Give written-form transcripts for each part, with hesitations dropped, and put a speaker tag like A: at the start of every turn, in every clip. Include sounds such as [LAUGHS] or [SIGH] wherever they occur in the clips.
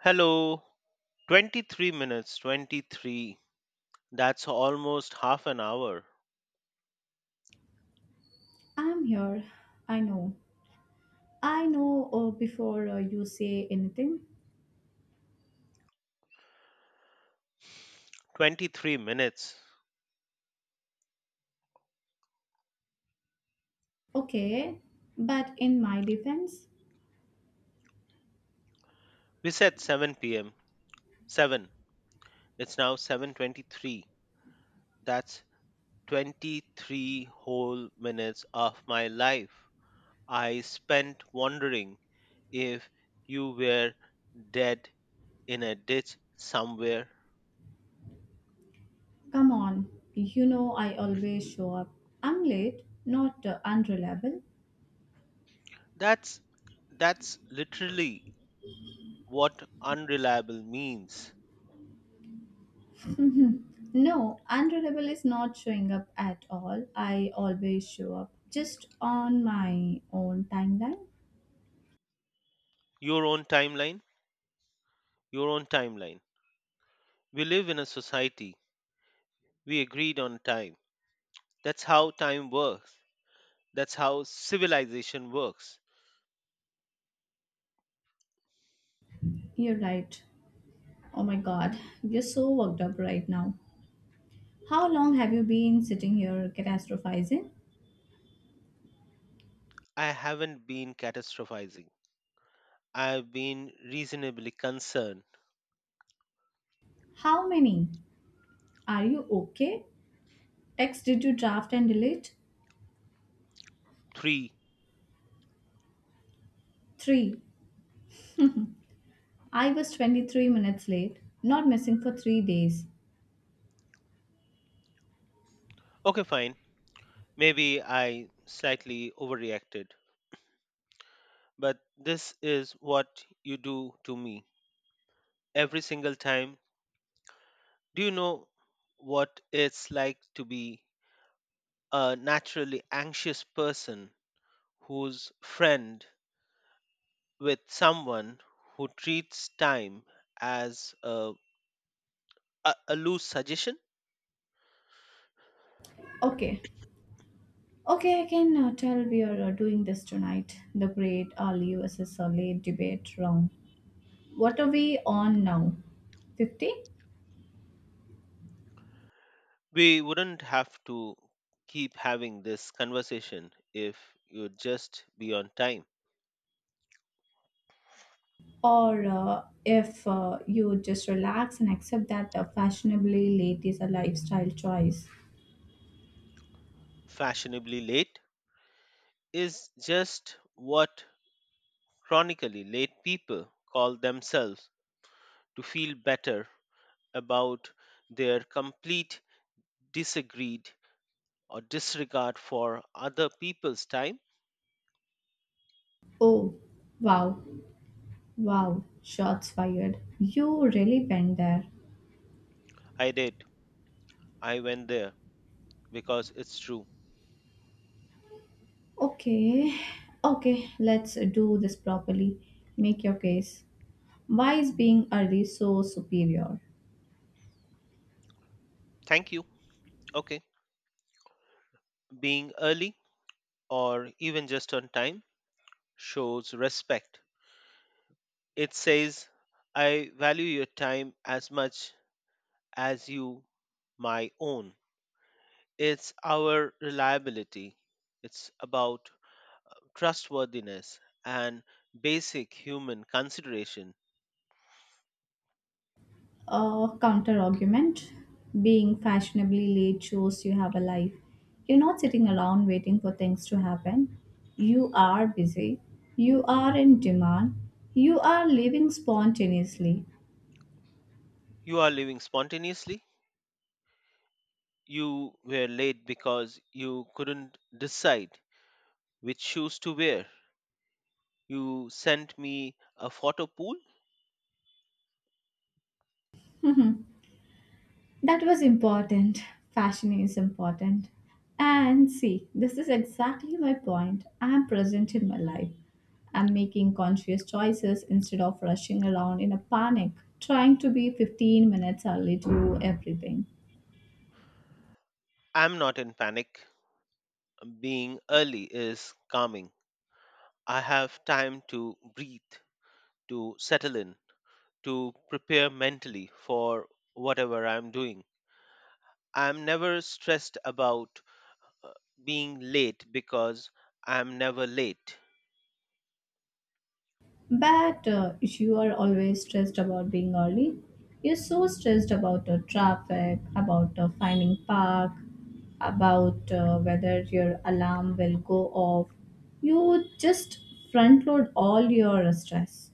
A: Hello, 23 minutes, 23. That's almost half an hour.
B: I'm here. I know. Before you say anything.
A: 23 minutes.
B: Okay, but in my defense,
A: We said 7 p.m. 7. It's now 7:23. That's 23 whole minutes of my life I spent wondering if you were dead in a ditch somewhere.
B: come on. You know I always show up. I'm late, not unreliable.
A: That's that's literally what unreliable means.
B: No, unreliable is not showing up at all. I always show up just on my own timeline.
A: Your own timeline, your own timeline. We live in a society. We agreed on time. That's how time works. That's how civilization works.
B: You're right. Oh my god, you're so worked up right now. How long have you been sitting here catastrophizing?
A: I haven't been catastrophizing. I've been reasonably concerned.
B: How many? Are you okay? Text did you draft and delete?
A: Three.
B: 3. I was 23 minutes late, not missing for 3 days.
A: Okay, fine. Maybe I slightly overreacted. But this is what you do to me every single time. Do you know what it's like to be a naturally anxious person whose friend with someone who treats time as a loose suggestion,
B: Okay. Okay, I can tell we are doing this tonight. The great early versus late debate round. What are we on now? 50?
A: we wouldn't have to keep having this conversation if you'd just be on time.
B: Or if you just relax and accept that fashionably late is a lifestyle choice.
A: Fashionably late is just what chronically late people call themselves to feel better about their complete disagreed or disregard for other people's time.
B: Oh, wow, wow, shots fired. You really went there.
A: I did. I went there because it's true.
B: Okay, okay, let's do this properly. Make your case. Why is being early so superior?
A: Thank you. Okay, being early or even just on time shows respect. It says, I value your time as much as you my own. It's our reliability, it's about trustworthiness and basic human consideration.
B: Counter argument. Being fashionably late shows you have a life. You're not sitting around waiting for things to happen. You are busy. You are in demand. You are living spontaneously.
A: You are living spontaneously. You were late because you couldn't decide which shoes to wear. You sent me a photo pool.
B: That was important. Fashion is important. And see, this is exactly my point. I am present in my life. I'm making conscious choices instead of rushing around in a panic, trying to be 15 minutes early to everything.
A: I'm not in panic. Being early is calming. I have time to breathe, to settle in, to prepare mentally for whatever I'm doing. I'm never stressed about uh, being late because I'm never late.
B: But you are always stressed about being early. You're so stressed about traffic, about finding park, about whether your alarm will go off. You just front load all your stress.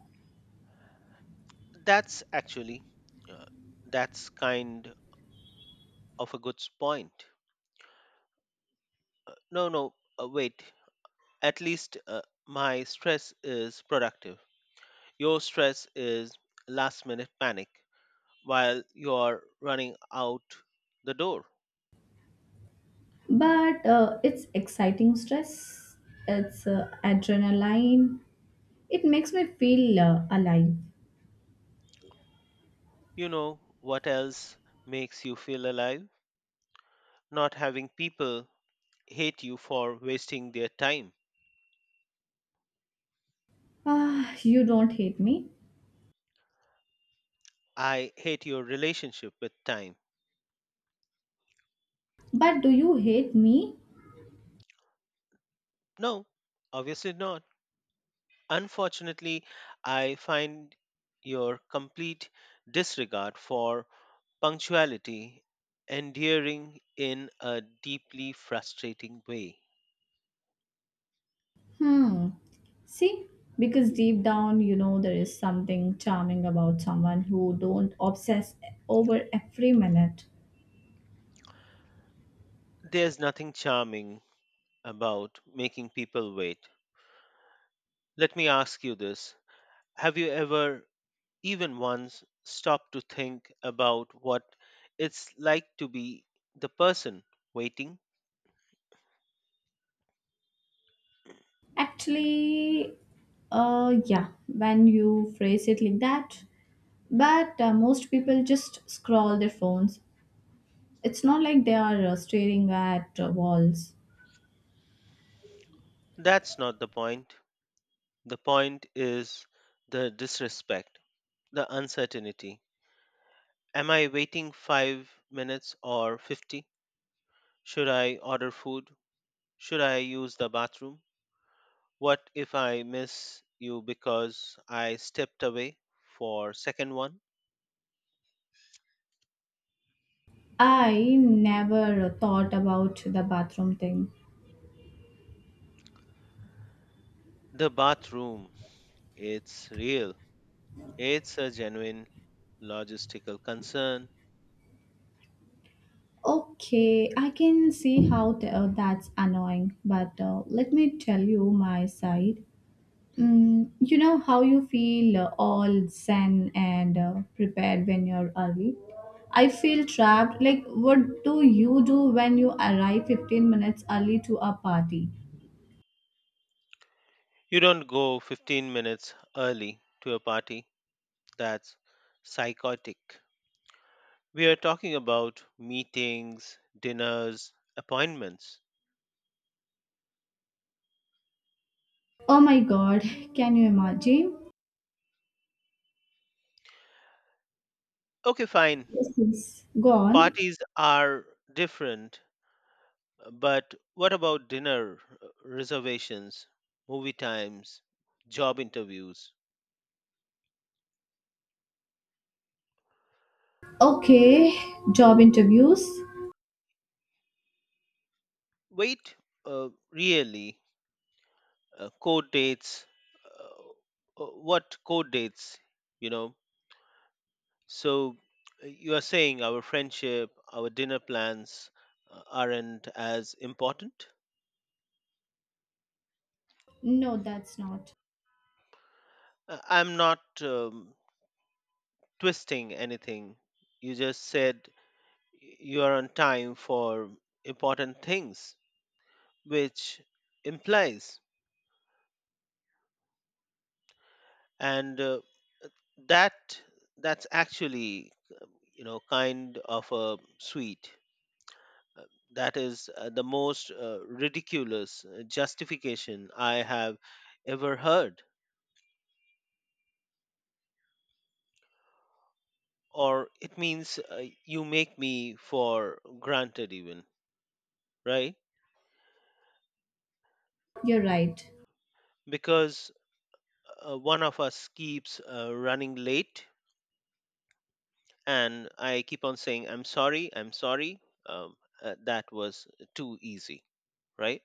A: That's actually, uh, that's kind of a good point. No, no, wait. At least my stress is productive. Your stress is last minute panic while you're running out the door.
B: But it's exciting stress, it's adrenaline. It makes me feel alive.
A: You know what else makes you feel alive? Not having people hate you for wasting their time.
B: Ah, you don't hate me.
A: I hate your relationship with time.
B: But do you hate me?
A: No, obviously not. Unfortunately, I find your complete disregard for punctuality endearing in a deeply frustrating way.
B: Hmm. See, because deep down, you know, there is something charming about someone who don't obsess over every minute.
A: There's nothing charming about making people wait. Let me ask you this. Have you ever, even once, stopped to think about what it's like to be the person waiting?
B: Actually, yeah, when you phrase it like that, but most people just scroll their phones. It's not like they are staring at walls.
A: That's not the point. The point is the disrespect, the uncertainty. Am I waiting 5 minutes or 50? Should I order food? Should I use the bathroom? What if I miss you because I stepped away for second one?
B: I never thought about the bathroom thing.
A: The bathroom, it's real. It's a genuine logistical concern.
B: Okay, I can see how that's annoying, but let me tell you my side. Mm, you know how you feel all zen and prepared when you're early? I feel trapped. Like, what do you do when you arrive 15 minutes early to a party?
A: You don't go 15 minutes early to a party. That's psychotic. We are talking about meetings, dinners, appointments.
B: Oh my god, can you imagine?
A: Okay, fine.
B: Yes, yes. Go on.
A: Parties are different, but what about dinner reservations, movie times, job interviews?
B: Okay, job interviews.
A: Wait, really? Code dates what code dates you know so you are saying our friendship our dinner plans aren't as important.
B: No, that's not.
A: I'm not twisting anything you just said. Y you are on time for important things, which implies and that that's actually kind of a sweet. Uh, That is the most ridiculous justification I have ever heard. Or it means you make me for granted, even, right?
B: You're right.
A: Because one of us keeps running late, and I keep on saying, I'm sorry, I'm sorry. Um, that was too easy, right?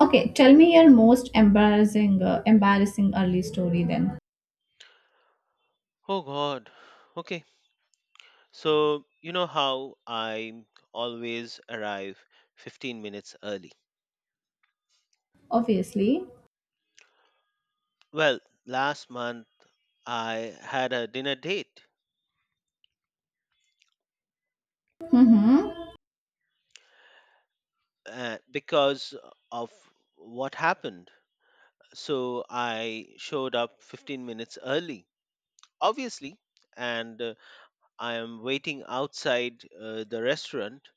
B: Okay, tell me your most embarrassing early story then.
A: Oh, God. Okay. So, you know how I always arrive 15 minutes early?
B: Obviously.
A: Well, last month I had a dinner date
B: Mm-hmm.
A: because of what happened. So I showed up 15 minutes early, obviously, and I am waiting outside the restaurant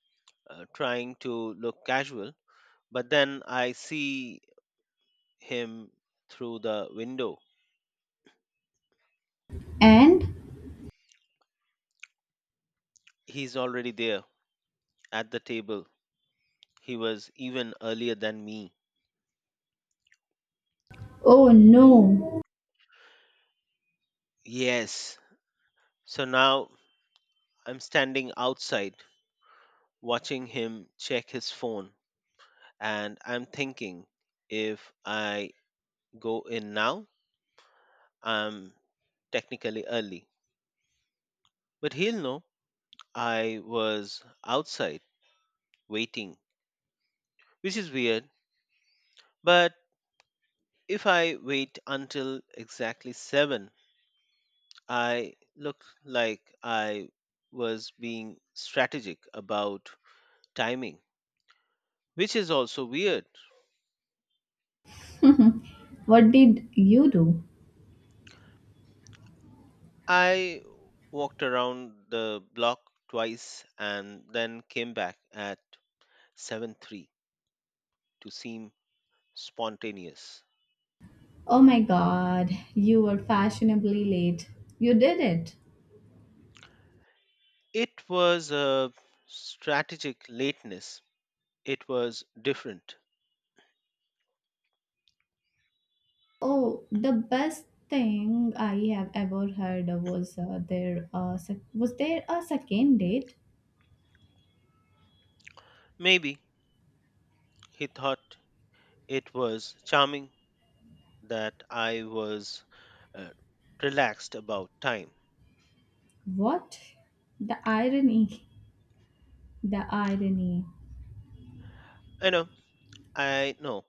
A: trying to look casual. But then I see him through the window.
B: And
A: He's already there at the table. He was even earlier than me.
B: oh no,
A: Yes. So now I'm standing outside watching him check his phone. And I'm thinking if I go in now, I'm technically early. But he'll know I was outside waiting, which is weird. But if I wait until exactly 7, I look like I was being strategic about timing, which is also weird.
B: what did you do?
A: I walked around the block twice and then came back at seven three to seem spontaneous.
B: Oh my god, you were fashionably late. You did it.
A: It was a strategic lateness. It was different.
B: Oh, the best thing I have ever heard was was there a second date?
A: Maybe he thought it was charming that I was uh, relaxed about time.
B: What? The irony. The irony.
A: I know, I know.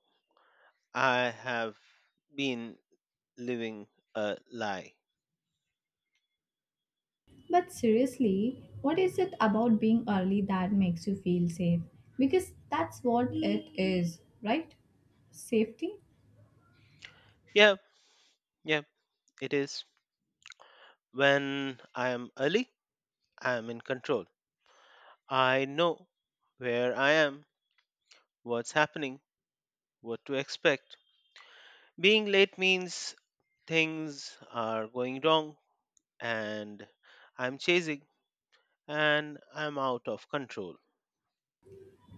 A: I have been living a lie.
B: But seriously, what is it about being early that makes you feel safe? Because that's what it is, right? Safety?
A: Yeah, yeah, it is. When I am early, I am in control. I know where I am, what's happening, what to expect. Being late means things are going wrong and I'm chasing and I'm out of control.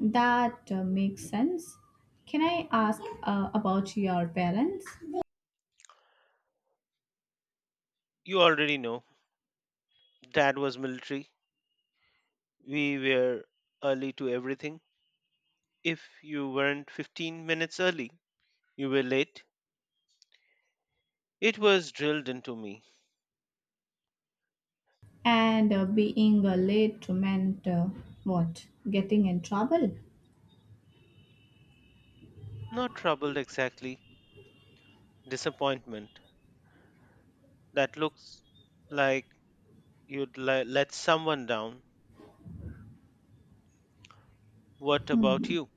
B: That makes sense. Can I ask about your parents?
A: You already know, Dad was military. We were early to everything. If you weren't 15 minutes early, you were late. It was drilled into me.
B: And being late meant what? Getting in trouble?
A: Not trouble exactly, disappointment. That looks like you'd let someone down. What about
B: Hmm.
A: you?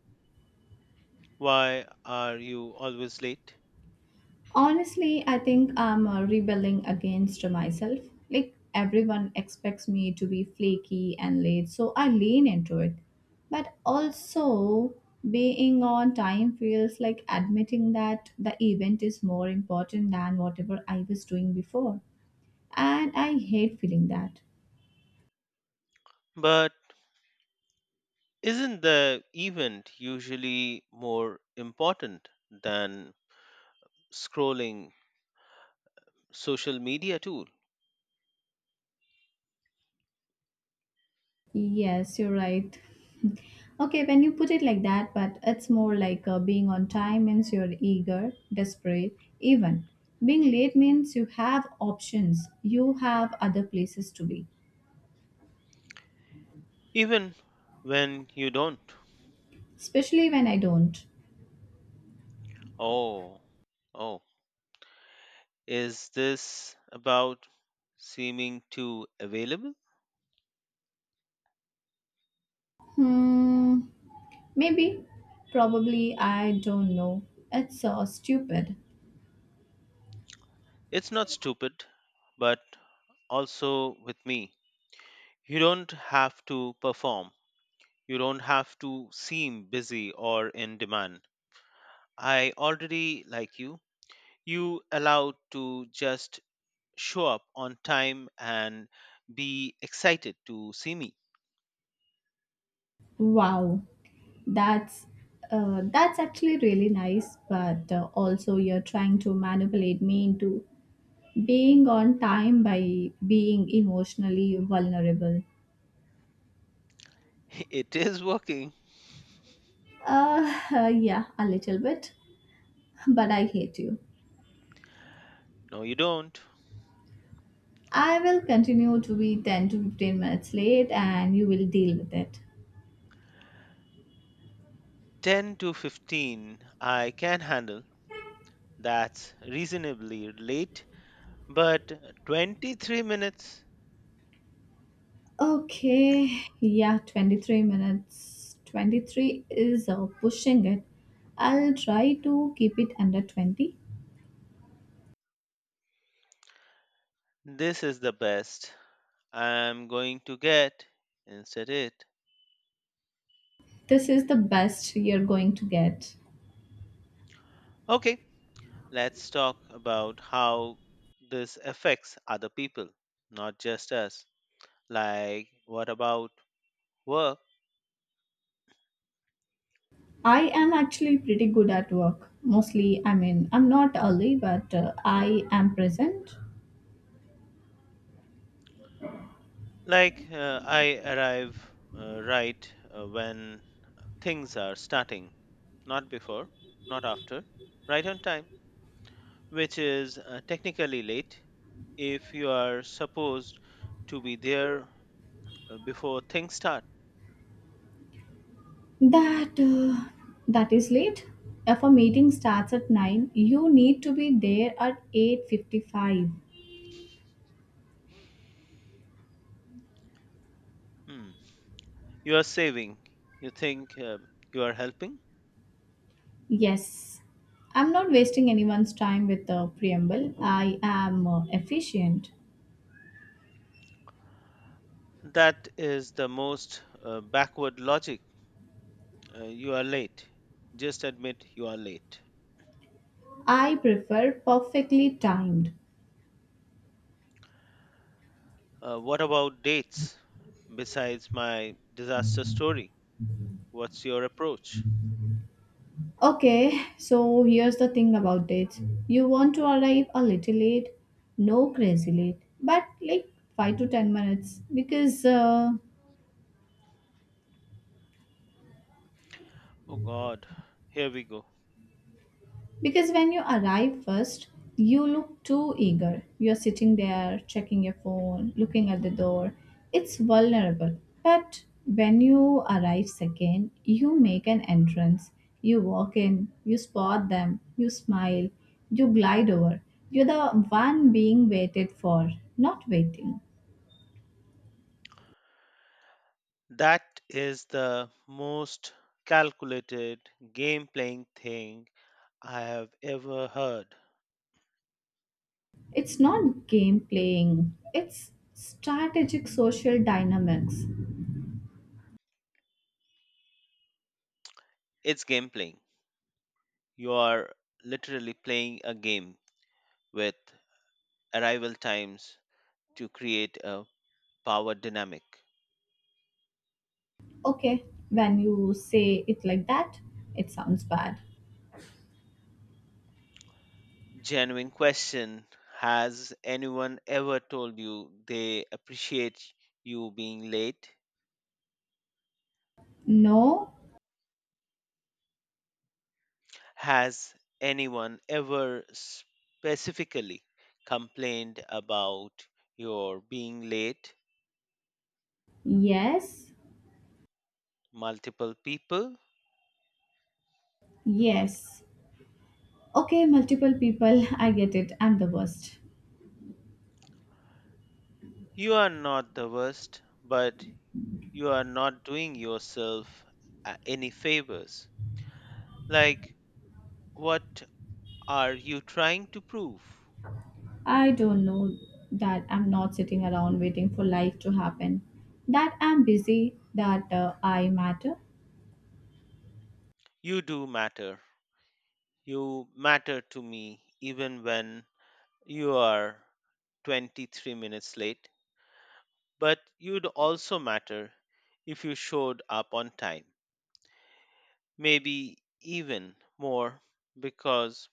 A: Why are you always late?
B: Honestly, I think I'm rebelling against myself. Like everyone expects me to be flaky and late, so I lean into it. But also, being on time feels like admitting that the event is more important than whatever I was doing before. And I hate feeling that.
A: But isn't the event usually more important than scrolling social media tool?
B: Yes, you're right. [LAUGHS] Okay, when you put it like that, but it's more like being on time means you're eager, desperate, even. Being late means you have options, you have other places to be,
A: Even when you don't.
B: especially when I don't.
A: Oh, oh. Is this about seeming too available?
B: Hmm, maybe, probably, I don't know. It's so stupid.
A: It's not stupid, but also with me. You don't have to perform. You don't have to seem busy or in demand. I already like you. You allowed to just show up on time and be excited to see me.
B: Wow, that's that's actually really nice, but also you're trying to manipulate me into being on time by being emotionally vulnerable.
A: [LAUGHS] It is working.
B: [LAUGHS] Yeah, a little bit, but I hate you.
A: No, you don't.
B: I will continue to be 10 to 15 minutes late and you will deal with it.
A: 10 to 15, I can handle. That's reasonably late. But 23 minutes,
B: Okay, yeah, 23 minutes. 23 is pushing it. I'll try to keep it under 20.
A: this is the best I'm going to get. Instead, it.
B: This is the best you're going to get.
A: Okay, let's talk about how this affects other people, not just us. Like, what about work?
B: I am actually pretty good at work. Mostly, I mean, I'm not early, but I am present.
A: Like, I arrive right when things are starting, not before, not after, right on time, which is technically late if you are supposed to be there before things start.
B: That that is late. If a meeting starts at 9, you need to be there at 8:55.
A: Hmm. You are saving, you think you are helping.
B: Yes. I'm not wasting anyone's time with the preamble. I am efficient.
A: That is the most backward logic. You are late. Just admit you are late.
B: I prefer perfectly timed.
A: What about dates? Besides my disaster story, what's your approach?
B: Okay, so here's the thing about dates. You want to arrive a little late, no crazy late, but like 5 to 10 minutes.
A: Oh God, here we go.
B: Because when you arrive first, you look too eager. You're sitting there, checking your phone, looking at the door. It's vulnerable. But when you arrive second, you make an entrance. You walk in, you spot them, you smile, you glide over. You're the one being waited for, not waiting.
A: That is the most calculated game playing thing I have ever heard.
B: It's not game playing, it's strategic social dynamics.
A: It's game playing. You are literally playing a game with arrival times to create a power dynamic.
B: Okay, when you say it like that, it sounds bad.
A: Genuine question. Has anyone ever told you they appreciate you being late?
B: No,
A: Has anyone ever specifically complained about your being late?
B: yes,
A: Multiple people?
B: yes. Okay, multiple people, [LAUGHS] I get it. I'm the worst.
A: You are not the worst, but you are not doing yourself any favors. Like, what are you trying to prove?
B: I don't know that I'm not sitting around waiting for life to happen, that I'm busy, that I matter.
A: You do matter. You matter to me even when you are 23 minutes late, but you'd also matter if you showed up on time. Maybe even more because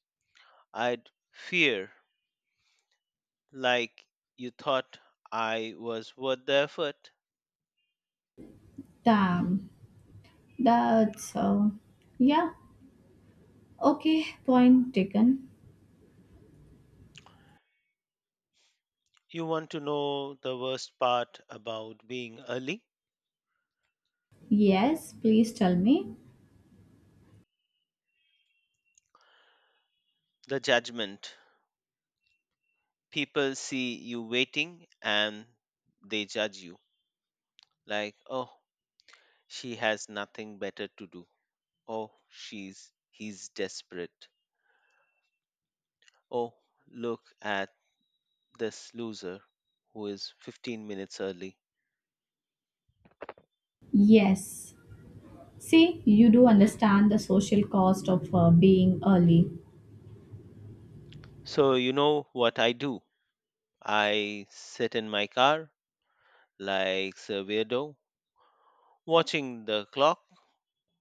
A: I'd fear like you thought I was worth the effort.
B: Damn, that's, yeah. Okay, point taken.
A: You want to know the worst part about being early?
B: Yes, please tell me.
A: The judgment. People see you waiting and they judge you. Like, oh, she has nothing better to do. Oh, she's he's desperate. Oh, look at this loser who is 15 minutes early.
B: Yes. See, you do understand the social cost of being early.
A: So, you know what I do? I sit in my car like a weirdo, watching the clock,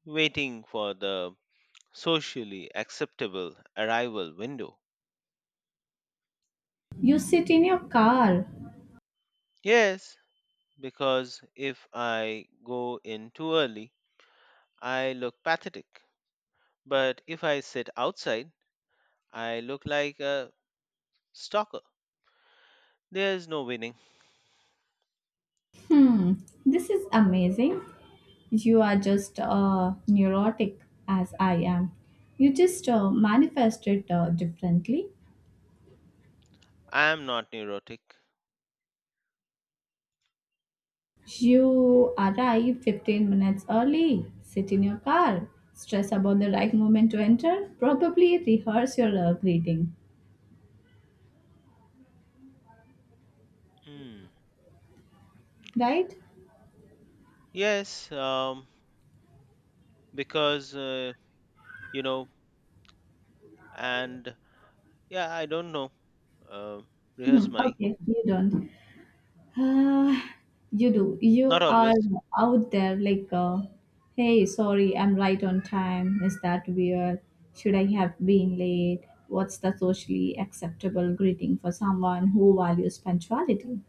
A: waiting for the socially acceptable arrival window.
B: You sit in your car.
A: Yes, because if I go in too early, I look pathetic. But if I sit outside, I look like a stalker. There's no winning.
B: Hmm, this is amazing. You are just neurotic as I am. You just manifest it differently.
A: I am not neurotic.
B: You arrive 15 minutes early, sit in your car, stress about the right moment to enter, probably rehearse your greeting,
A: Hmm.
B: right?
A: Yes, because, you know, and yeah, I don't know. Uh, Rehearse
B: [LAUGHS]
A: my.
B: okay, you don't. Uh, you do.
A: Not
B: You are
A: always.
B: out there like, hey, sorry, I'm right on time. Is that weird? Should I have been late? What's the socially acceptable greeting for someone who values punctuality?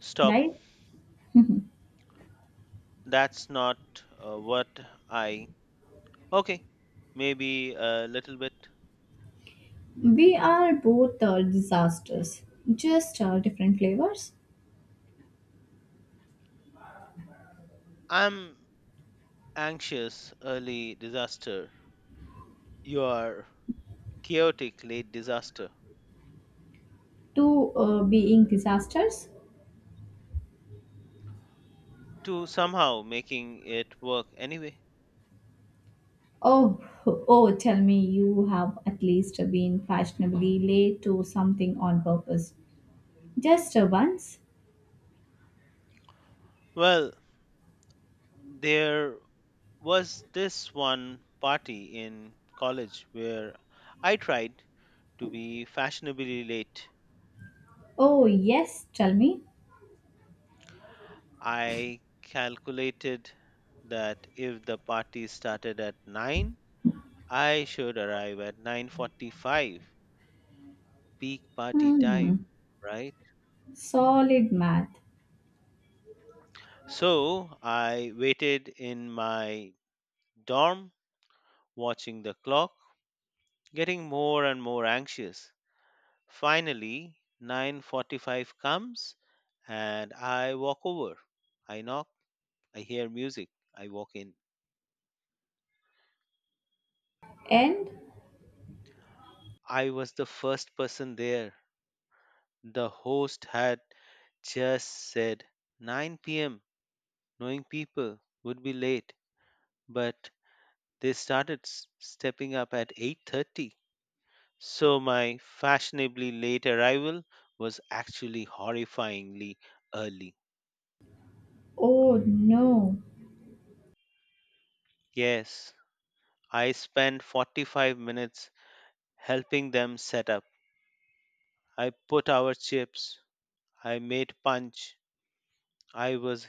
A: Stop.
B: Right?
A: That's not what I. Okay, maybe a little bit.
B: We are both disasters, just different flavors.
A: I'm anxious, early disaster. You are chaotic, late disaster.
B: Two being disasters.
A: To somehow making it work anyway.
B: Oh, oh, tell me you have at least been fashionably late to something on purpose. Just once.
A: Well, there was this one party in college where I tried to be fashionably late.
B: Oh, yes, tell me.
A: I calculated that if the party started at 9, I should arrive at 9:45, peak party time,
B: Hmm,
A: right?
B: solid math.
A: So, I waited in my dorm watching the clock, getting more and more anxious. Finally, 9:45 comes and I walk over. I knock, I hear music, I walk in.
B: And
A: I was the first person there. The host had just said 9 p.m. knowing people would be late, but they started stepping up at 8:30. So my fashionably late arrival was actually horrifyingly early.
B: oh no,
A: Yes, I spent 45 minutes helping them set up. I put our chips, I made punch. I was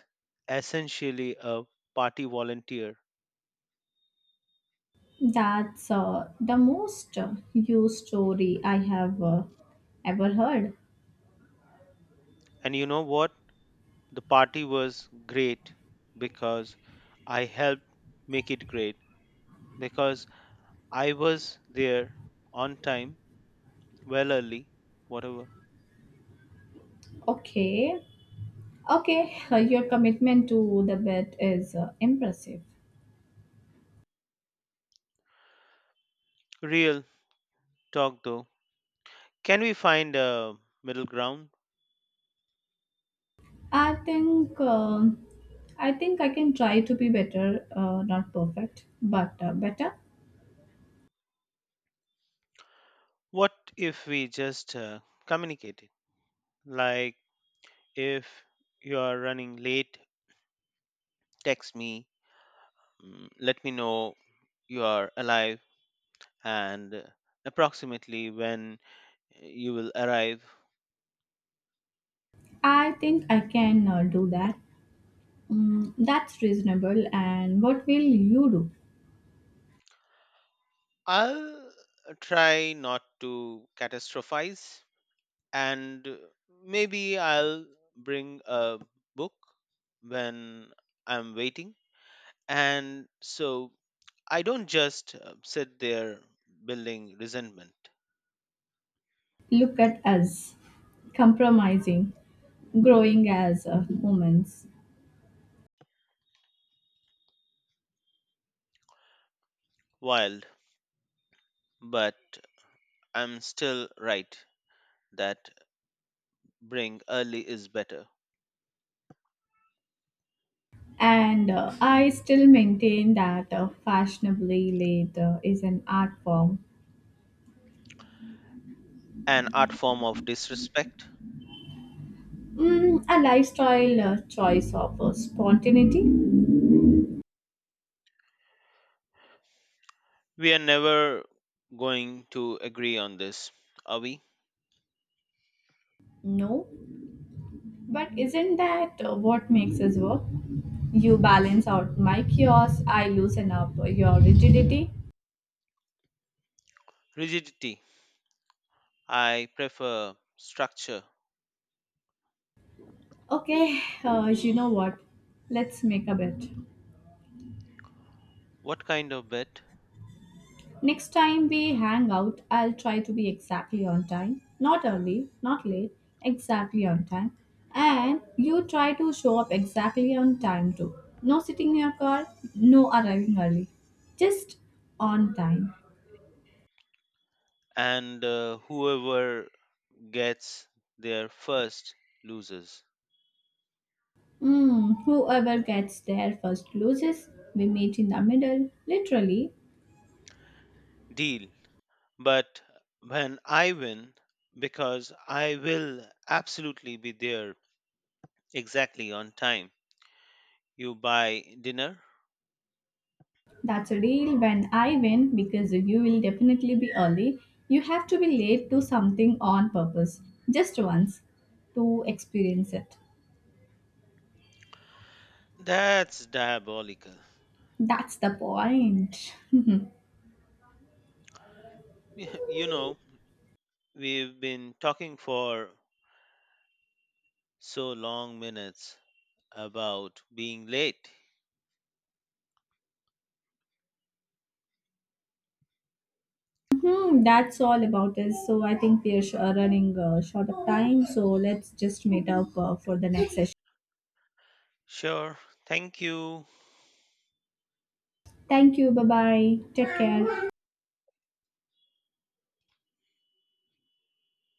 A: essentially a party volunteer.
B: that's the most used story I have ever heard.
A: And you know what? The party was great because I helped make it great because I was there on time, well early, whatever.
B: Okay, okay, [LAUGHS] your commitment to the bet is impressive.
A: Real talk though. Can we find a middle ground?
B: I think um I think I can try to be better, not perfect, but better.
A: What if we just communicate it? Like if you are running late, text me, let me know you are alive and approximately when you will arrive.
B: I think I can do that. Mm, that's reasonable. And what will you do?
A: I'll try not to catastrophize and maybe I'll bring a book when I'm waiting. And so I don't just sit there building resentment.
B: Look at us compromising, growing as humans.
A: Wild, but I'm still right that bring early is better.
B: And I still maintain that fashionably late is an art form,
A: An art form of disrespect.
B: mm, a lifestyle choice of spontaneity.
A: We are never going to agree on this, are we?
B: No, but isn't that what makes us work? You balance out my chaos, I loosen up your rigidity.
A: Rigidity. I prefer structure.
B: Okay, you know what? Let's make a bet.
A: What kind of bet?
B: Next time we hang out, I'll try to be exactly on time. Not early, not late, exactly on time. And you try to show up exactly on time too. No sitting in your car, no arriving early. Just on time.
A: And whoever gets there first loses.
B: Hmm, whoever gets there first loses. We meet in the middle, literally.
A: Deal. But when I win, because I will absolutely be there exactly on time, you buy dinner?
B: That's a deal when I win because you will definitely be early. You have to be late to something on purpose, just once, to experience it.
A: That's diabolical.
B: That's the point. [LAUGHS]
A: [LAUGHS] You know, we've been talking for so long minutes about being late.
B: Hmm, that's all about us. So I think we are running short of time. So let's just meet up for the next session.
A: Sure, thank you.
B: Thank you. Bye bye. Take care.